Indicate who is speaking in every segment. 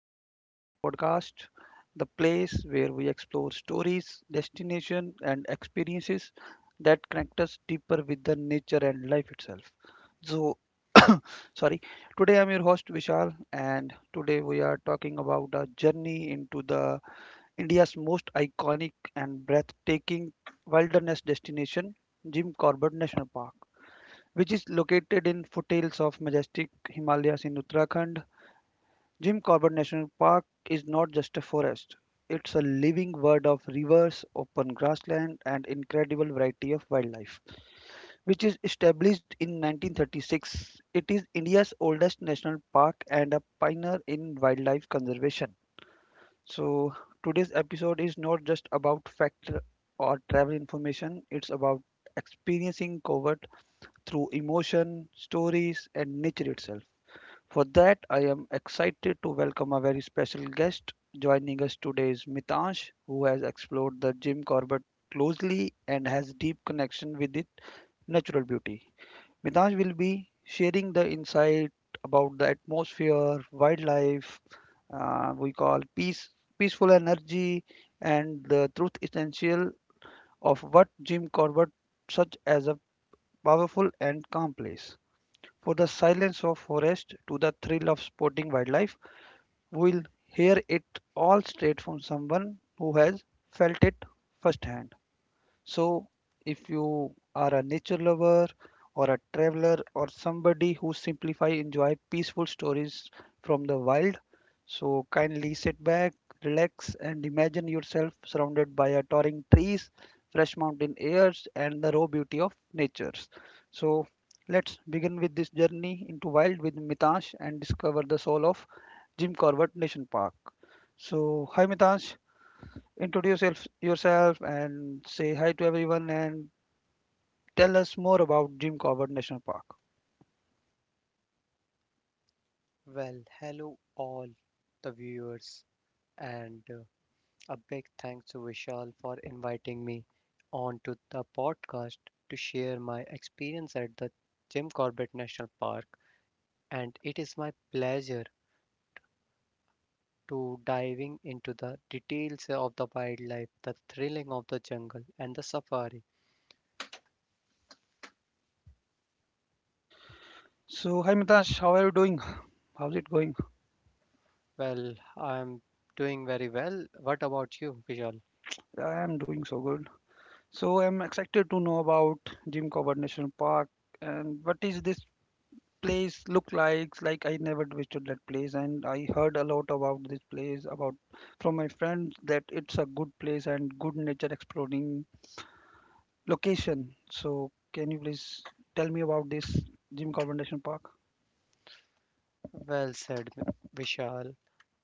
Speaker 1: Nature Exploring podcast, the place where we explore stories, destination, and experiences that connect us deeper with the nature and life itself. So, sorry, today I'm your host Vishal, and today we are talking about a journey into the India's most iconic and breathtaking wilderness destination, Jim Corbett National Park which is located in foothills of majestic Himalayas in Uttarakhand. Jim Corbett National Park is not just a forest, it's a living world of rivers, open grassland, and incredible variety of wildlife. Which is established in 1936, it is India's oldest national park and a pioneer in wildlife conservation. So, today's episode is not just about fact or travel information, it's about experiencing Covert through emotion, stories, and nature itself. For that, I am excited to welcome a very special guest. Joining us today is Mitansh, who has explored the Jim Corbett closely and has deep connection with its natural beauty. Mitansh will be sharing the insight about the atmosphere, wildlife, we call peace, peaceful energy, and the truth essential of what Jim Corbett such as a powerful and calm place. For the silence of forest to the thrill of sporting wildlife, will hear it all straight from someone who has felt it firsthand. So, if you are a nature lover or a traveler or somebody who simplify enjoy peaceful stories from the wild, so kindly sit back, relax, and imagine yourself surrounded by a towering trees, fresh mountain airs, and the raw beauty of nature. So, let's begin with this journey into wild with Mitash and discover the soul of Jim Corbett National Park. So, hi Mitash. Introduce yourself and say hi to everyone and tell us more about Jim Corbett National Park.
Speaker 2: Well, hello all the viewers, and a big thanks to Vishal for inviting me onto the podcast to share my experience at the Jim Corbett National Park. And it is my pleasure to diving into the details of the wildlife, the thrilling of the jungle, and the safari.
Speaker 1: So, hi Mitash, how are you doing? How's it going?
Speaker 2: Well, I'm doing very well. What about you, Vishal?
Speaker 1: Yeah, I am doing so good. So, I'm excited to know about Jim Corbett National Park and what is this place look like? Like I never visited that place and I heard a lot about this place about from my friends that it's a good place and good nature exploring location. So, can you please tell me about this Jim Corbett National Park?
Speaker 2: Well said, Vishal.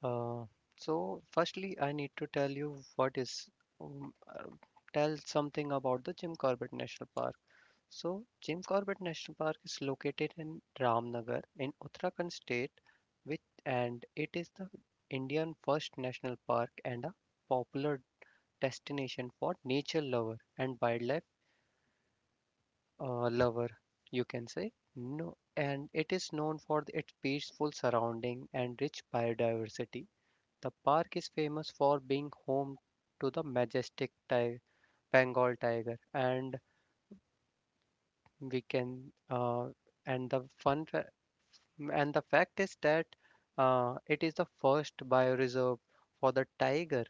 Speaker 2: Uh, so, firstly, I need to tell you what is um, uh, tell something about the Jim Corbett National Park. So, Jim Corbett National Park is located in Ramnagar in Uttarakhand state, which and it is the Indian first national park and a popular destination for nature lover and wildlife lover, you can say. No, and it is known for its peaceful surrounding and rich biodiversity. The park is famous for being home to the majestic tiger, Bengal tiger, and we can and the fun fa- and the fact is that it is the first bioreserve for the tiger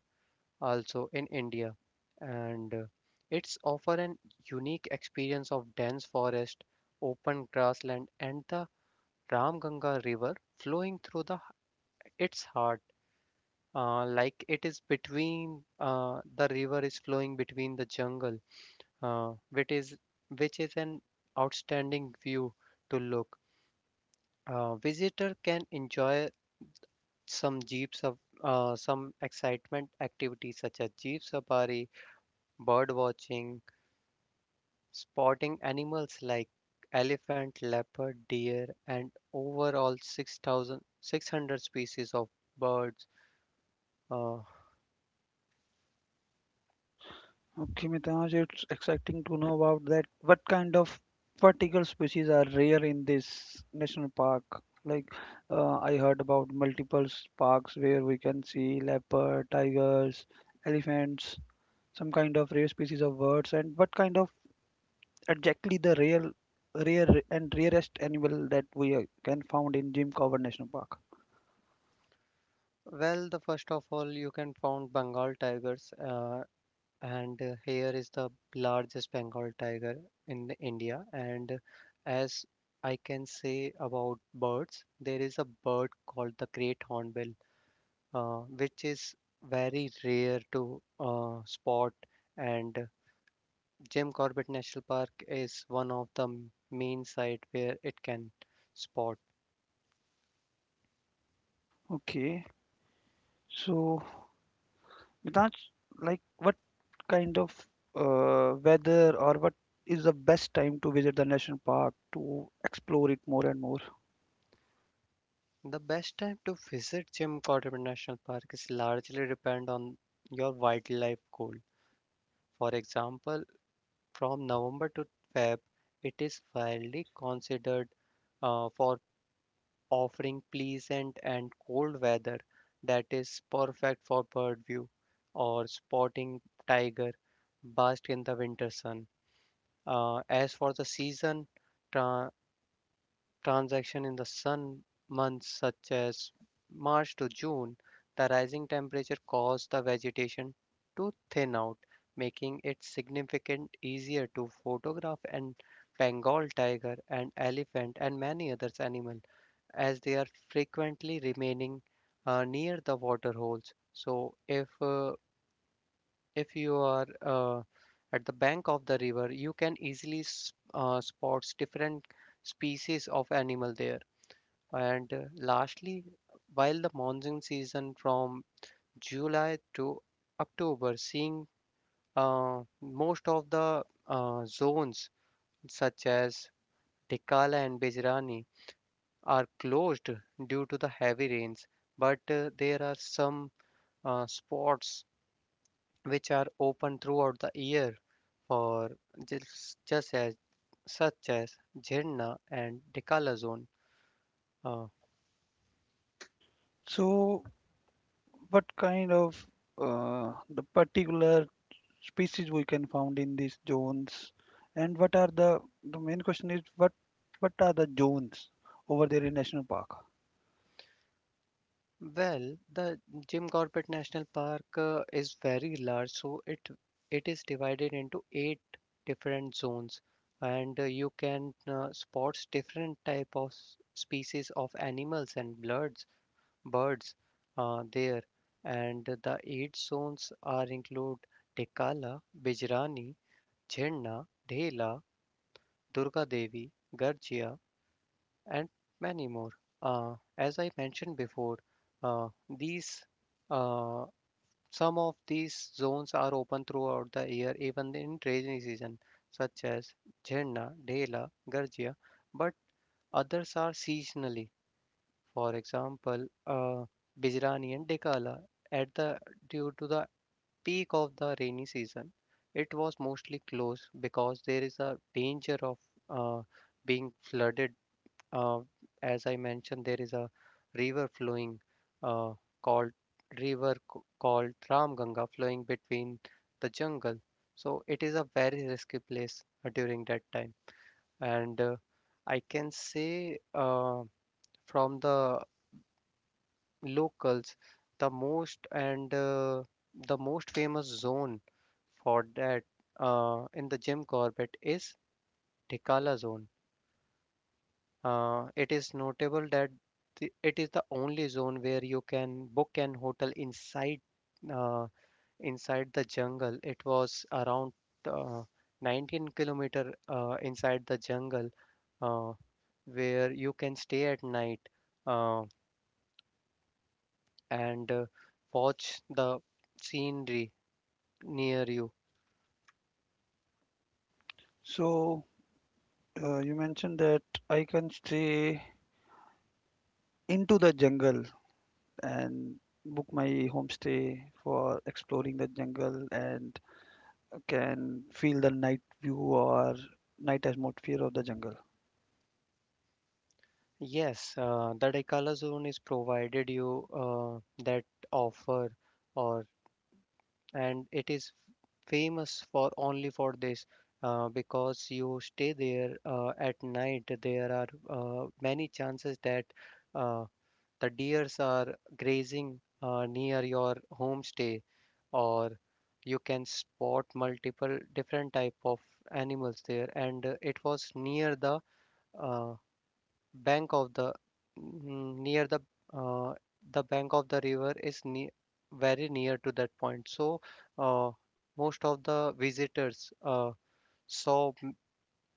Speaker 2: also in India, and it's offer an unique experience of dense forest, open grassland, and the Ramganga River flowing through the its heart. Like it is between the river is flowing between the jungle uh, which is which is an outstanding view to look. Visitor can enjoy some jeeps of some excitement activities such as jeep safari, bird watching, spotting animals like elephant, leopard, deer, and overall 6600 species of birds. Uh,
Speaker 1: Okay, Mitaj, it's exciting to know about that. What kind of particle species are rare in this national park? Like, I heard about multiple parks where we can see leopard, tigers, elephants, some kind of rare species of birds, and what kind of exactly the rare, and rarest animal that we can found in Jim Cover National Park?
Speaker 2: Well, the first of all, you can found Bengal tigers, and here is the largest Bengal tiger in the India. And as I can say about birds, there is a bird called the great hornbill, which is very rare to spot. And Jim Corbett National Park is one of the main site where it can spot.
Speaker 1: Okay, so Mitanj, like what kind of weather or what is the best time to visit the national park to explore it more and more?
Speaker 2: The best time to visit Jim Corbett National Park is largely depend on your wildlife goal. For example, from November to Feb, it is widely considered for offering pleasant and cold weather that is perfect for bird view or spotting tiger bask in the winter sun. As for the season, tra- transaction in the sun months such as March to June, the rising temperature caused the vegetation to thin out, making it significant easier to photograph an Bengal tiger, an elephant, and many other animals as they are frequently remaining near the water holes. So if you are at the bank of the river, you can easily spot different species of animal there. And lastly, while the monsoon season from July to October, seeing most of the zones such as Tikala and Bijrani are closed due to the heavy rains, but there are some spots which are open throughout the year for just as such as Jhenna and Tikala zone. Uh,
Speaker 1: So, what kind of the particular species we can found in these zones, and what are the main question is what are the zones over there in national park?
Speaker 2: Well, the Jim Corbett National Park is very large, so it is divided into eight different zones, and you can spot different type of species of animals and birds there, and the eight zones are include Tikala, Bijrani, Jhenna, Dhela, Durga Devi, Garjia, and many more. As I mentioned before, uh, these uh, some of these zones are open throughout the year, even in rainy season, such as Jhenna, Dhela, Garjia, but others are seasonally. For example, Bijrani and Dekala at the due to the peak of the rainy season, it was mostly closed because there is a danger of uh, being flooded. uh, as I mentioned, there is a river flowing uh, called called Ram Ganga flowing between the jungle. So it is a very risky place during that time. And I can say from the locals, the most and uh, the most famous zone for that in the Jim Corbett is Tikala zone. It is notable that it is the only zone where you can book an hotel inside uh, inside the jungle. It was around uh, 19 kilometer inside the jungle uh, where you can stay at night, uh, and watch the scenery near you.
Speaker 1: So, you mentioned that I can stay into the jungle and book my homestay for exploring the jungle and can feel the night view or night atmosphere of the jungle.
Speaker 2: Yes, the Dekala zone is provided you that offer or and it is famous for only for this because you stay there at night. There are many chances that uh, the deers are grazing near your homestay, or you can spot multiple different type of animals there. And it was near the uh, bank of the mm, near uh, the bank of the river is ne very near to that point. So uh, most of the visitors saw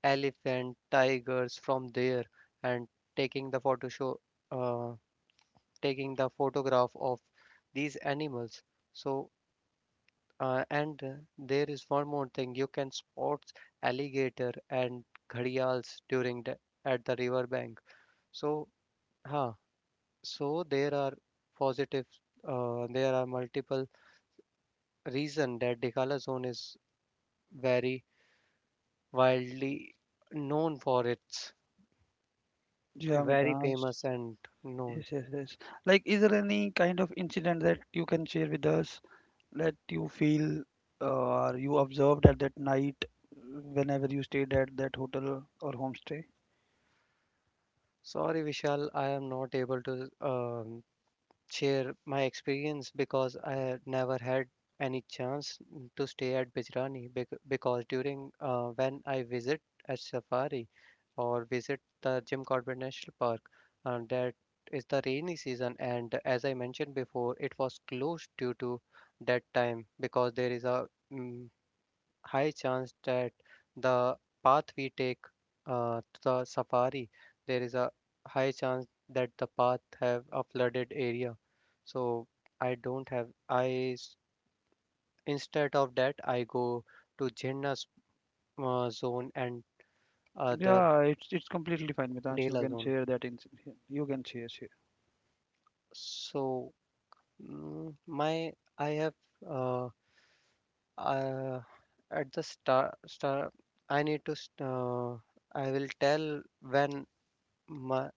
Speaker 2: elephant, tigers from there and taking the photo show, uh, taking the photograph of these animals. So and there is one more thing you can spot alligator and gharials during the at the river bank. So huh So there are positive, there are multiple reasons that Dikala zone is very widely known for its
Speaker 1: Yeah,
Speaker 2: very
Speaker 1: Mitas.
Speaker 2: famous and known.
Speaker 1: Yes, yes, yes. Like, is there any kind of incident that you can share with us that you feel or you observed at that night whenever you stayed at that hotel or homestay?
Speaker 2: Sorry, Vishal, I am not able to share my experience because I never had any chance to stay at Bijrani because during when I visit a safari or visit the Jim Corbett National Park, and that is the rainy season. And as I mentioned before, it was closed due to that time because there is a high chance that the path we take to the safari, there is a high chance that the path have a flooded area. So I don't have. Instead of that I go to Jinnah zone and other
Speaker 1: Yeah, it's completely fine, Mitash. You
Speaker 2: Dela
Speaker 1: can
Speaker 2: zone.
Speaker 1: share that incident. You can share, share.
Speaker 2: So mm, my I have uh, uh, at the start star I need to st- I will tell when my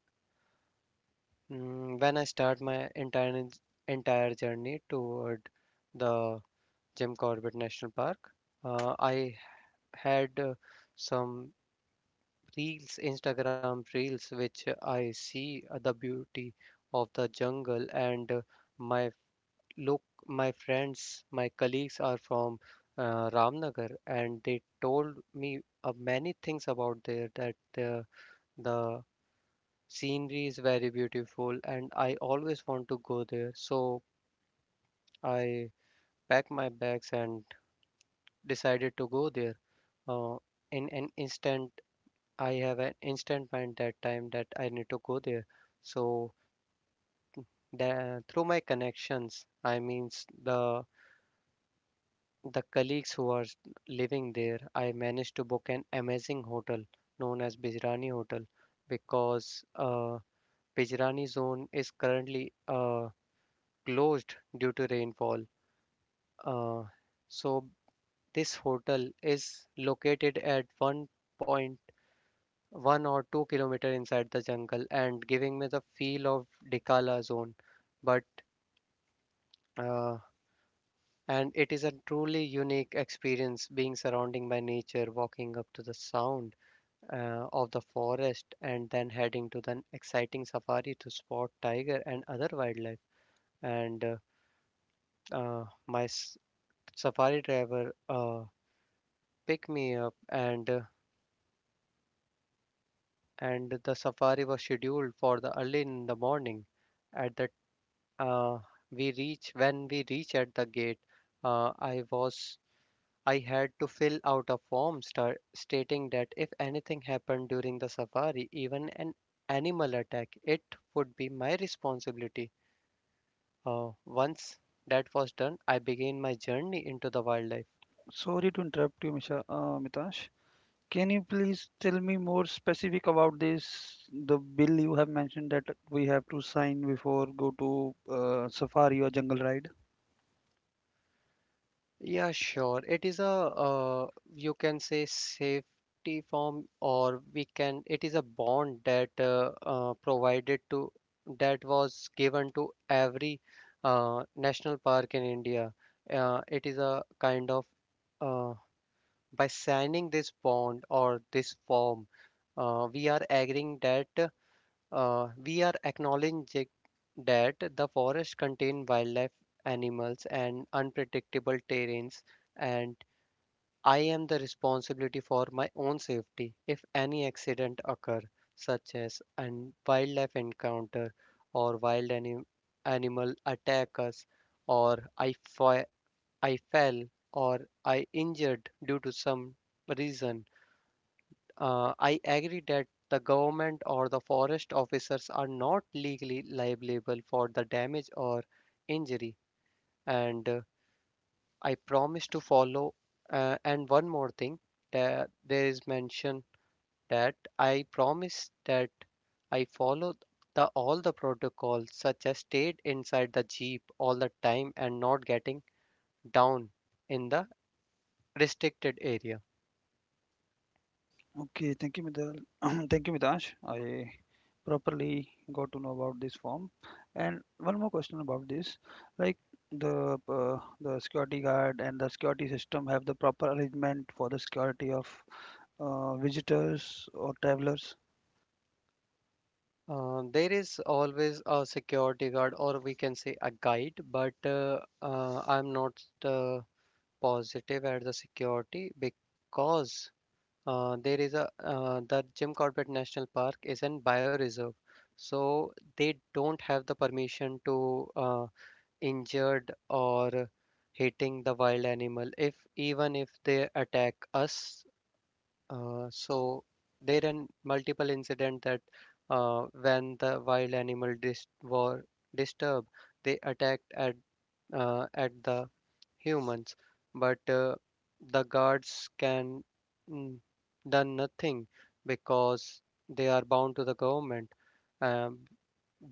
Speaker 2: When I start my entire journey toward the Jim Corbett National Park. I had some reels, Instagram reels, which I see the beauty of the jungle and my my friends, my colleagues are from Ramnagar and they told me many things about there that the scenery is very beautiful and I always want to go there. So I packed my bags and decided to go there. Uh, in an instant, I have an instant mind that time that I need to go there. So through my connections, I means the colleagues who are living there, I managed to book an amazing hotel known as Bijrani Hotel because Bijrani zone is currently closed due to rainfall. Uh, so this hotel is located at 1.1 or 2 kilometer inside the jungle and giving me the feel of Dikala zone. But uh, and it is a truly unique experience being surrounding by nature, walking up to the sound of the forest and then heading to the exciting safari to spot tiger and other wildlife. And uh, uh, my s- Safari driver picked me up and and the safari was scheduled for the early in the morning. At that, uh, we reach When we reach at the gate, uh, I was I had to fill out a form star stating that if anything happened during the safari, even an animal attack, it would be my responsibility. Once that was done, I began my journey into the wildlife.
Speaker 1: Sorry to interrupt you, Misha, Mitash. Can you please tell me more specific about this? The bill you have mentioned that we have to sign before go to safari or jungle ride.
Speaker 2: Yeah, sure. It is a you can say safety form, or we can. It is a bond that provided to that was given to every national park in India. It is a kind of uh, by signing this bond or this form, we are agreeing that. We are acknowledging that the forest contain wildlife, animals, and unpredictable terrains, and I am the responsibility for my own safety if any accident occur, such as an wildlife encounter or animal attack us, or I fell or I injured due to some reason. I agree that the government or the forest officers are not legally liable for the damage or injury. And I promise to follow. And one more thing, that there is mention that I promise that I follow the all the protocols, such as stayed inside the jeep all the time and not getting down in the restricted area.
Speaker 1: Okay, thank you, Midal. Thank you, Midash. I properly got to know about this form. And one more question about this, like the security guard and the security system have the proper arrangement for the security of visitors or travelers.
Speaker 2: There is always a security guard, or we can say a guide, but I'm not positive at the security because there is a the Jim Corbett National Park is in bioreserve, so they don't have the permission to uh, injured or hitting the wild animal. If even if they attack us, so there are multiple incident that when the wild animal dis were disturbed, they attacked at the humans, but the guards can mm, done nothing because they are bound to the government. Um,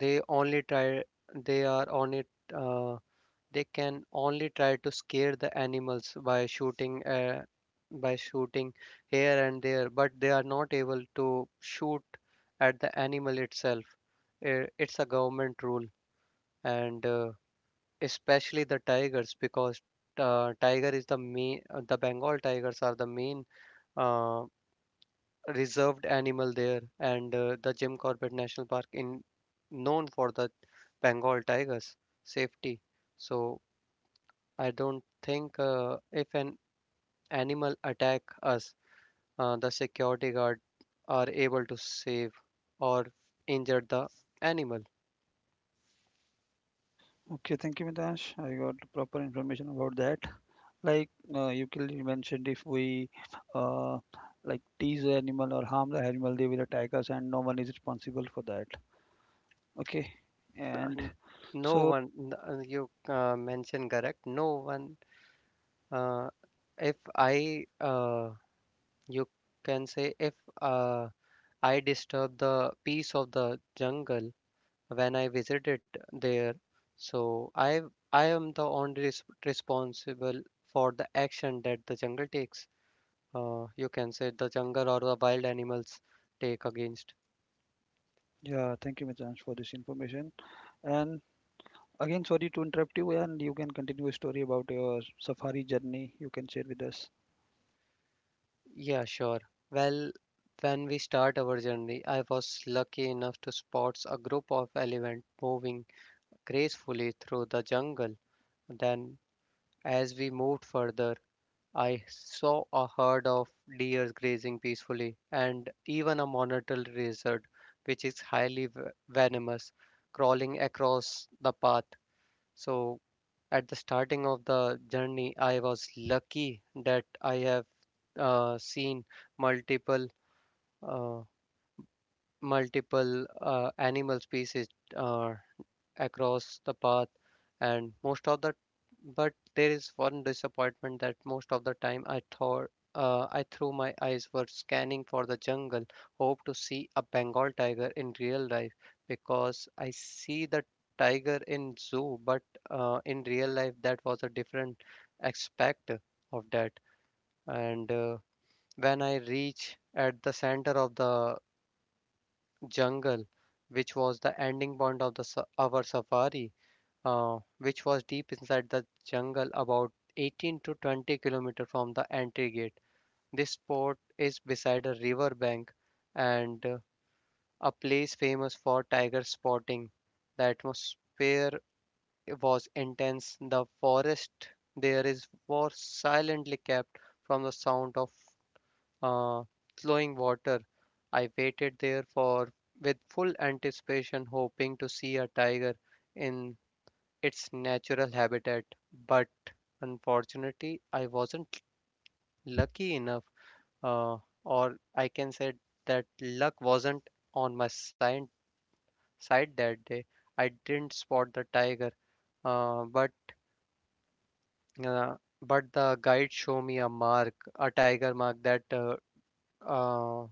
Speaker 2: they only try. They are on it. Uh, they can only try to scare the animals by shooting here and there, but they are not able to shoot at the animal itself. It's a government rule, and especially the tigers because tiger is the main, the Bengal tigers are the main uh, reserved animal there, and the Jim Corbett National Park in known for the Bengal tigers safety. So I don't think if an animal attack us, the security guard are able to save or injure the animal.
Speaker 1: Okay, thank you, Midash. I got proper information about that. Like you clearly mentioned, if we uh, like tease the animal or harm the animal, they will attack us, and no one is responsible for that. Okay,
Speaker 2: Uh,
Speaker 1: and
Speaker 2: N- No
Speaker 1: so
Speaker 2: one, you mentioned correct. No one. Uh, if you can say if uh, I disturb the peace of the jungle when I visited there, so I am the only responsible for the action that the jungle takes. You can say the jungle or the wild animals take against.
Speaker 1: yeah, thank you, Mitransh, for this information. And again, sorry to interrupt you, and you can continue a story about your safari journey. You can share with us.
Speaker 2: Yeah, sure. Well, when we start our journey, I was lucky enough to spot a group of elephants moving gracefully through the jungle. Then, as we moved further, I saw a herd of deer grazing peacefully and even a monitor lizard, which is highly venomous, crawling across the path. So, at the starting of the journey, I was lucky that I have seen multiple uh, animal species uh, across the path and most of the but there is one disappointment that most of the time I thought I through my eyes were scanning for the jungle, hope to see a Bengal tiger in real life because I see the tiger in zoo, but in real life that was a different aspect of that. And when I reach at the center of the jungle, which was the ending point of the our safari, which was deep inside the jungle about 18 to 20 kilometers from the entry gate. This spot is beside a river bank and a place famous for tiger spotting. The atmosphere was intense. The forest there is was silently kept from the sound of uh, flowing water. I waited there for with full anticipation, hoping to see a tiger in its natural habitat. But unfortunately, I wasn't lucky enough, uh, or I can say that luck wasn't on my side that day. I didn't spot the tiger, but uh, but the guide showed me a mark, a tiger mark that uh,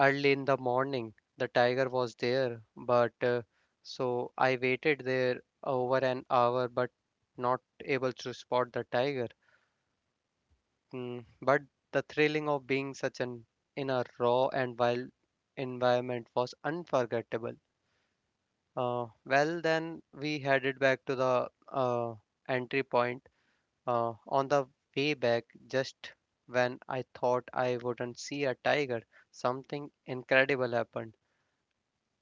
Speaker 2: early in the morning the tiger was there. But so I waited there over an hour, but not able to spot the tiger. But the thrilling of being such an in a raw and wild environment was unforgettable. Well, then we headed back to the entry point. On the way back, just when I thought I wouldn't see a tiger, something incredible happened.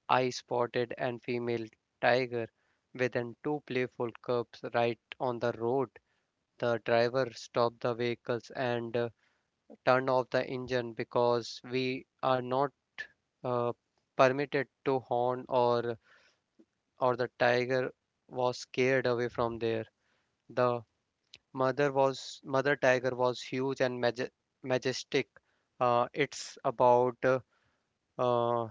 Speaker 2: I spotted an female tiger within two playful cubs right on the road. The driver stopped the vehicles and turn off the engine because we are not uh, permitted to horn or the tiger was scared away from there. The mother tiger was huge and majestic. It's about uh,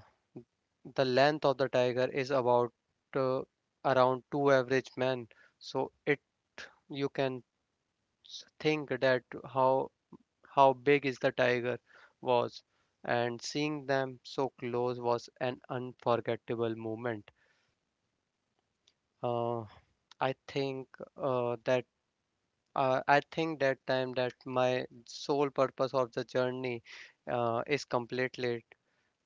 Speaker 2: the length of the tiger is about uh, around two average men. So it you can think that how big is the tiger was, and seeing them so close was an unforgettable moment. Uh, I think uh, that I think that time that my sole purpose of the journey is completed.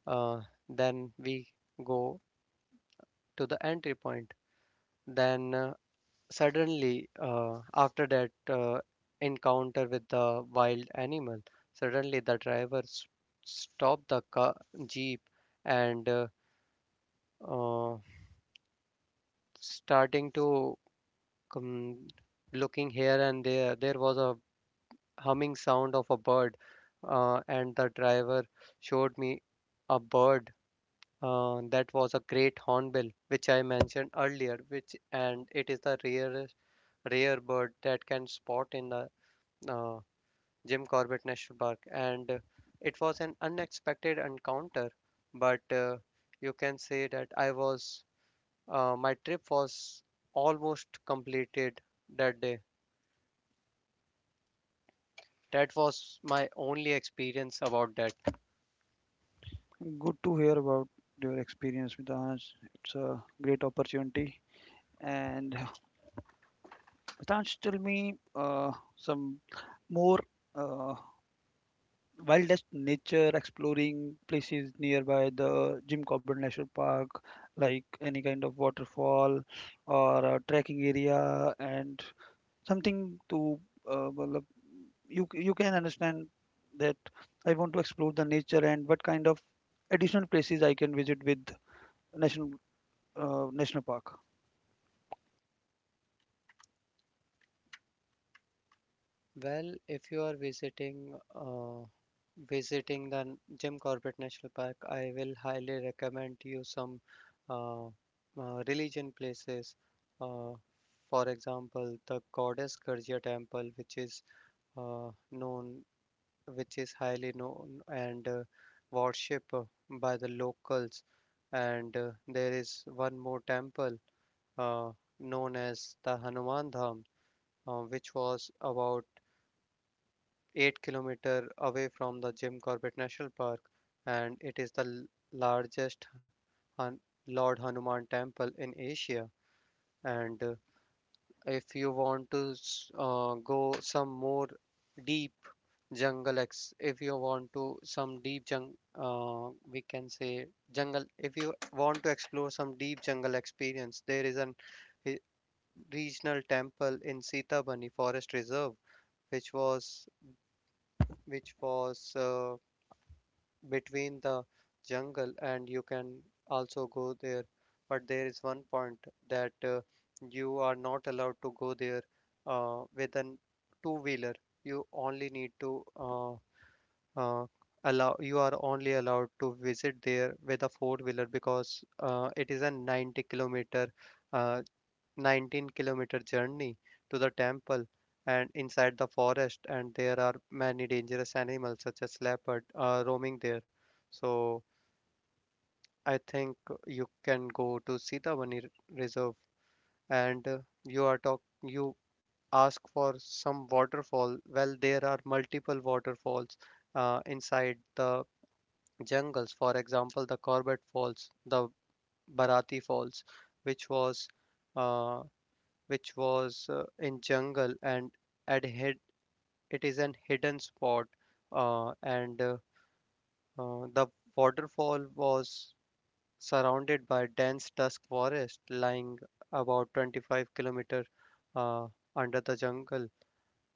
Speaker 2: Uh, then we go to the entry point. Then suddenly after that encounter with the wild animal suddenly the driver stopped the car, jeep and uh, starting to come looking here and there was a humming sound of a bird and the driver showed me a bird that was a great hornbill which I mentioned earlier which and it is the rare bird that can spot in the uh, Jim Corbett National Park, and it was an unexpected encounter. But you can say that I was my trip was almost completed that day. That was my only experience about that.
Speaker 1: Good to hear about your experience, Mitransh. It's a great opportunity. And Mitransh, tell me some more. Uh, Wildest nature exploring places nearby the Jim Corbett National Park, like any kind of waterfall or a trekking area, and something to uh, well, uh, you can understand that I want to explore the nature and what kind of additional places I can visit with national national park.
Speaker 2: Well, if you are visiting visiting the Jim Corbett National Park, I will highly recommend you some religion places. Uh, for example, the Goddess Gurgia Temple, which is uh, known, highly known and worshipped by the locals. And there is one more temple uh, known as the Hanuman Dham, which was about 8 kilometer away from the Jim Corbett National Park, and it is the largest Han- Lord Hanuman temple in Asia. And if you want to s- go some more deep jungle ex if you want to some deep jung we can say jungle if you want to explore some deep jungle experience there is an hi- regional temple in Sita Bani Forest Reserve which was which was between the jungle and you can also go there but there is one point that you are not allowed to go there with an two wheeler you only need to uh, allow you are only allowed to visit there with a four wheeler because it is a 90 kilometer uh, 19-kilometer journey to the temple and inside the forest and there are many dangerous animals such as leopard roaming there. So I think you can go to sitavani reserve and you are talk you ask for some waterfall. Well there are multiple waterfalls inside the jungles for example the corbett falls the barati falls which was uh, in jungle and at hid it is an hidden spot and the waterfall was surrounded by dense dusk forest lying about 25 kilometer uh, under the jungle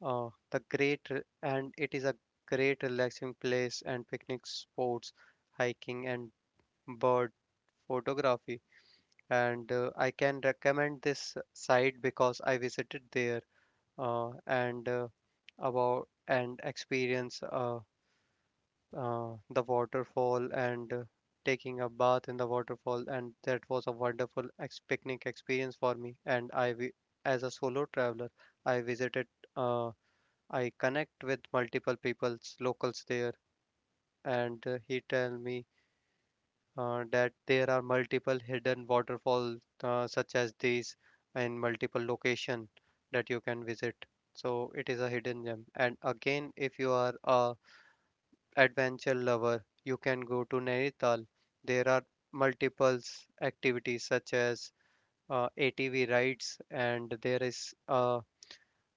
Speaker 2: and it is a great relaxing place and picnic spots hiking and bird photography and I can recommend this site because I visited there uh, and uh, and experience the waterfall and taking a bath in the waterfall and that was a wonderful picnic experience for me and as a solo traveler I visited uh, I connect with multiple people's locals there and he tell me that there are multiple hidden waterfalls such as these in multiple location that you can visit. So it is a hidden gem and again if you are a adventure lover you can go to Nainital. There are multiples activities such as ATV rides and there is a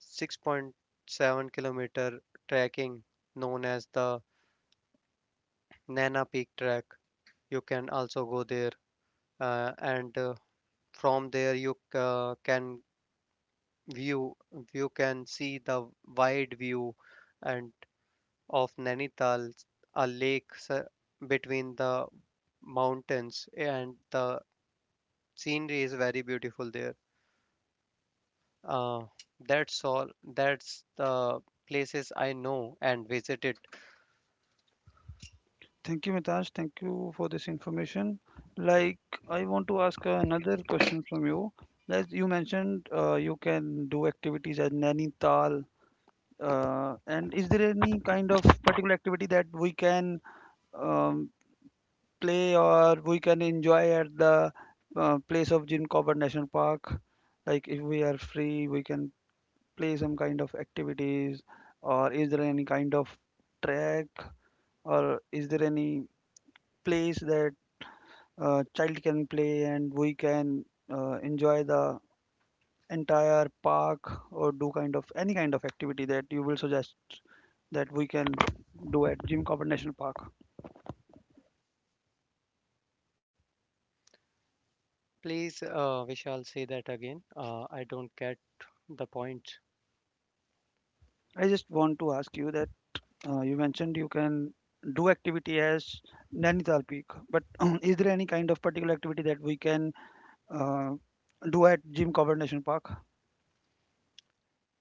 Speaker 2: 6.7-kilometer trekking known as the Nana Peak Track. You can also go there and from there you can view you can see the wide view and of Nainital a lake between the mountains and the scenery is very beautiful there. uh, that's all, that's the places I know and visited.
Speaker 1: Thank you, Mitash. Thank you for this information. Like, I want to ask another question from you. As you mentioned, you can do activities at Nainital. And is there any kind of particular activity that we can um, play or we can enjoy at the place of Jim Corbett National Park? Like, if we are free, we can play some kind of activities, or is there any kind of track, or is there any place that child can play and we can enjoy the entire park or do kind of any kind of activity that you will suggest that we can do at Jim Corbett National Park.
Speaker 2: Please Vishal say that again, I don't get the point.
Speaker 1: I just want to ask you that you mentioned you can do activity as Nainital Peak, but is there any kind of particular activity that we can uh, do at Jim Corbett National Park?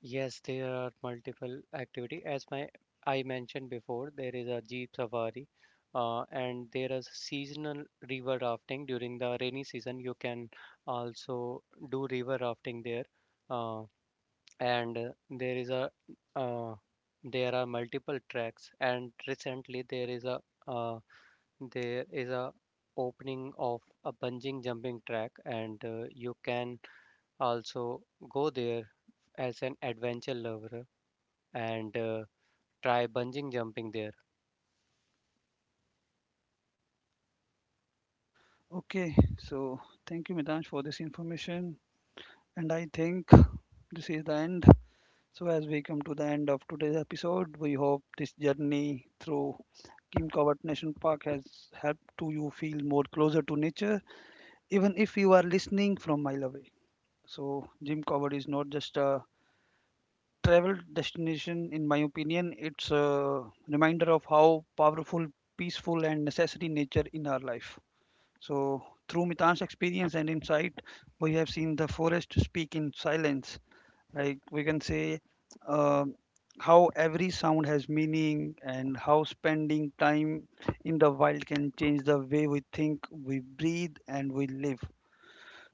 Speaker 2: Yes, there are multiple activity. As my I mentioned before, there is a jeep safari, and there is seasonal river rafting during the rainy season. You can also do river rafting there, uh, and there is a uh, there are multiple tracks. And recently, uh, there is a opening of a bungee jumping track, and you can also go there as an adventure lover and try bungee jumping there.
Speaker 1: Okay, so thank you, Mitansh, for this information, and I think this is the end. So, as we come to the end of today's episode, we hope this journey through Kim Cowart National Park has helped to you feel more closer to nature, even if you are listening from a mile away. So, Jim Cowart is not just a travel destination, in my opinion, it's a reminder of how powerful, peaceful, and necessary nature in our life. So, through Mitan's experience and insight, we have seen the forest speak in silence, like we can say, um how every sound has meaning and how spending time in the wild can change the way we think, we breathe, and we live.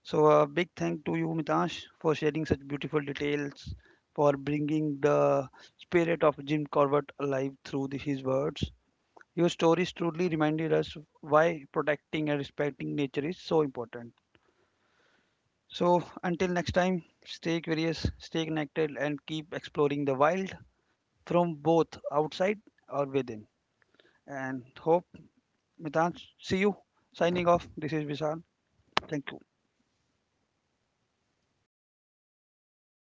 Speaker 1: So a big thank to you, Mitash, for sharing such beautiful details, for bringing the spirit of Jim Corbett alive through his words. Your stories truly reminded us why protecting and respecting nature is so important. So, until next time, stay curious, stay connected, and keep exploring the wild from both outside or within. And hope, Mitan, see you. Signing off. This is Vishal. Thank you.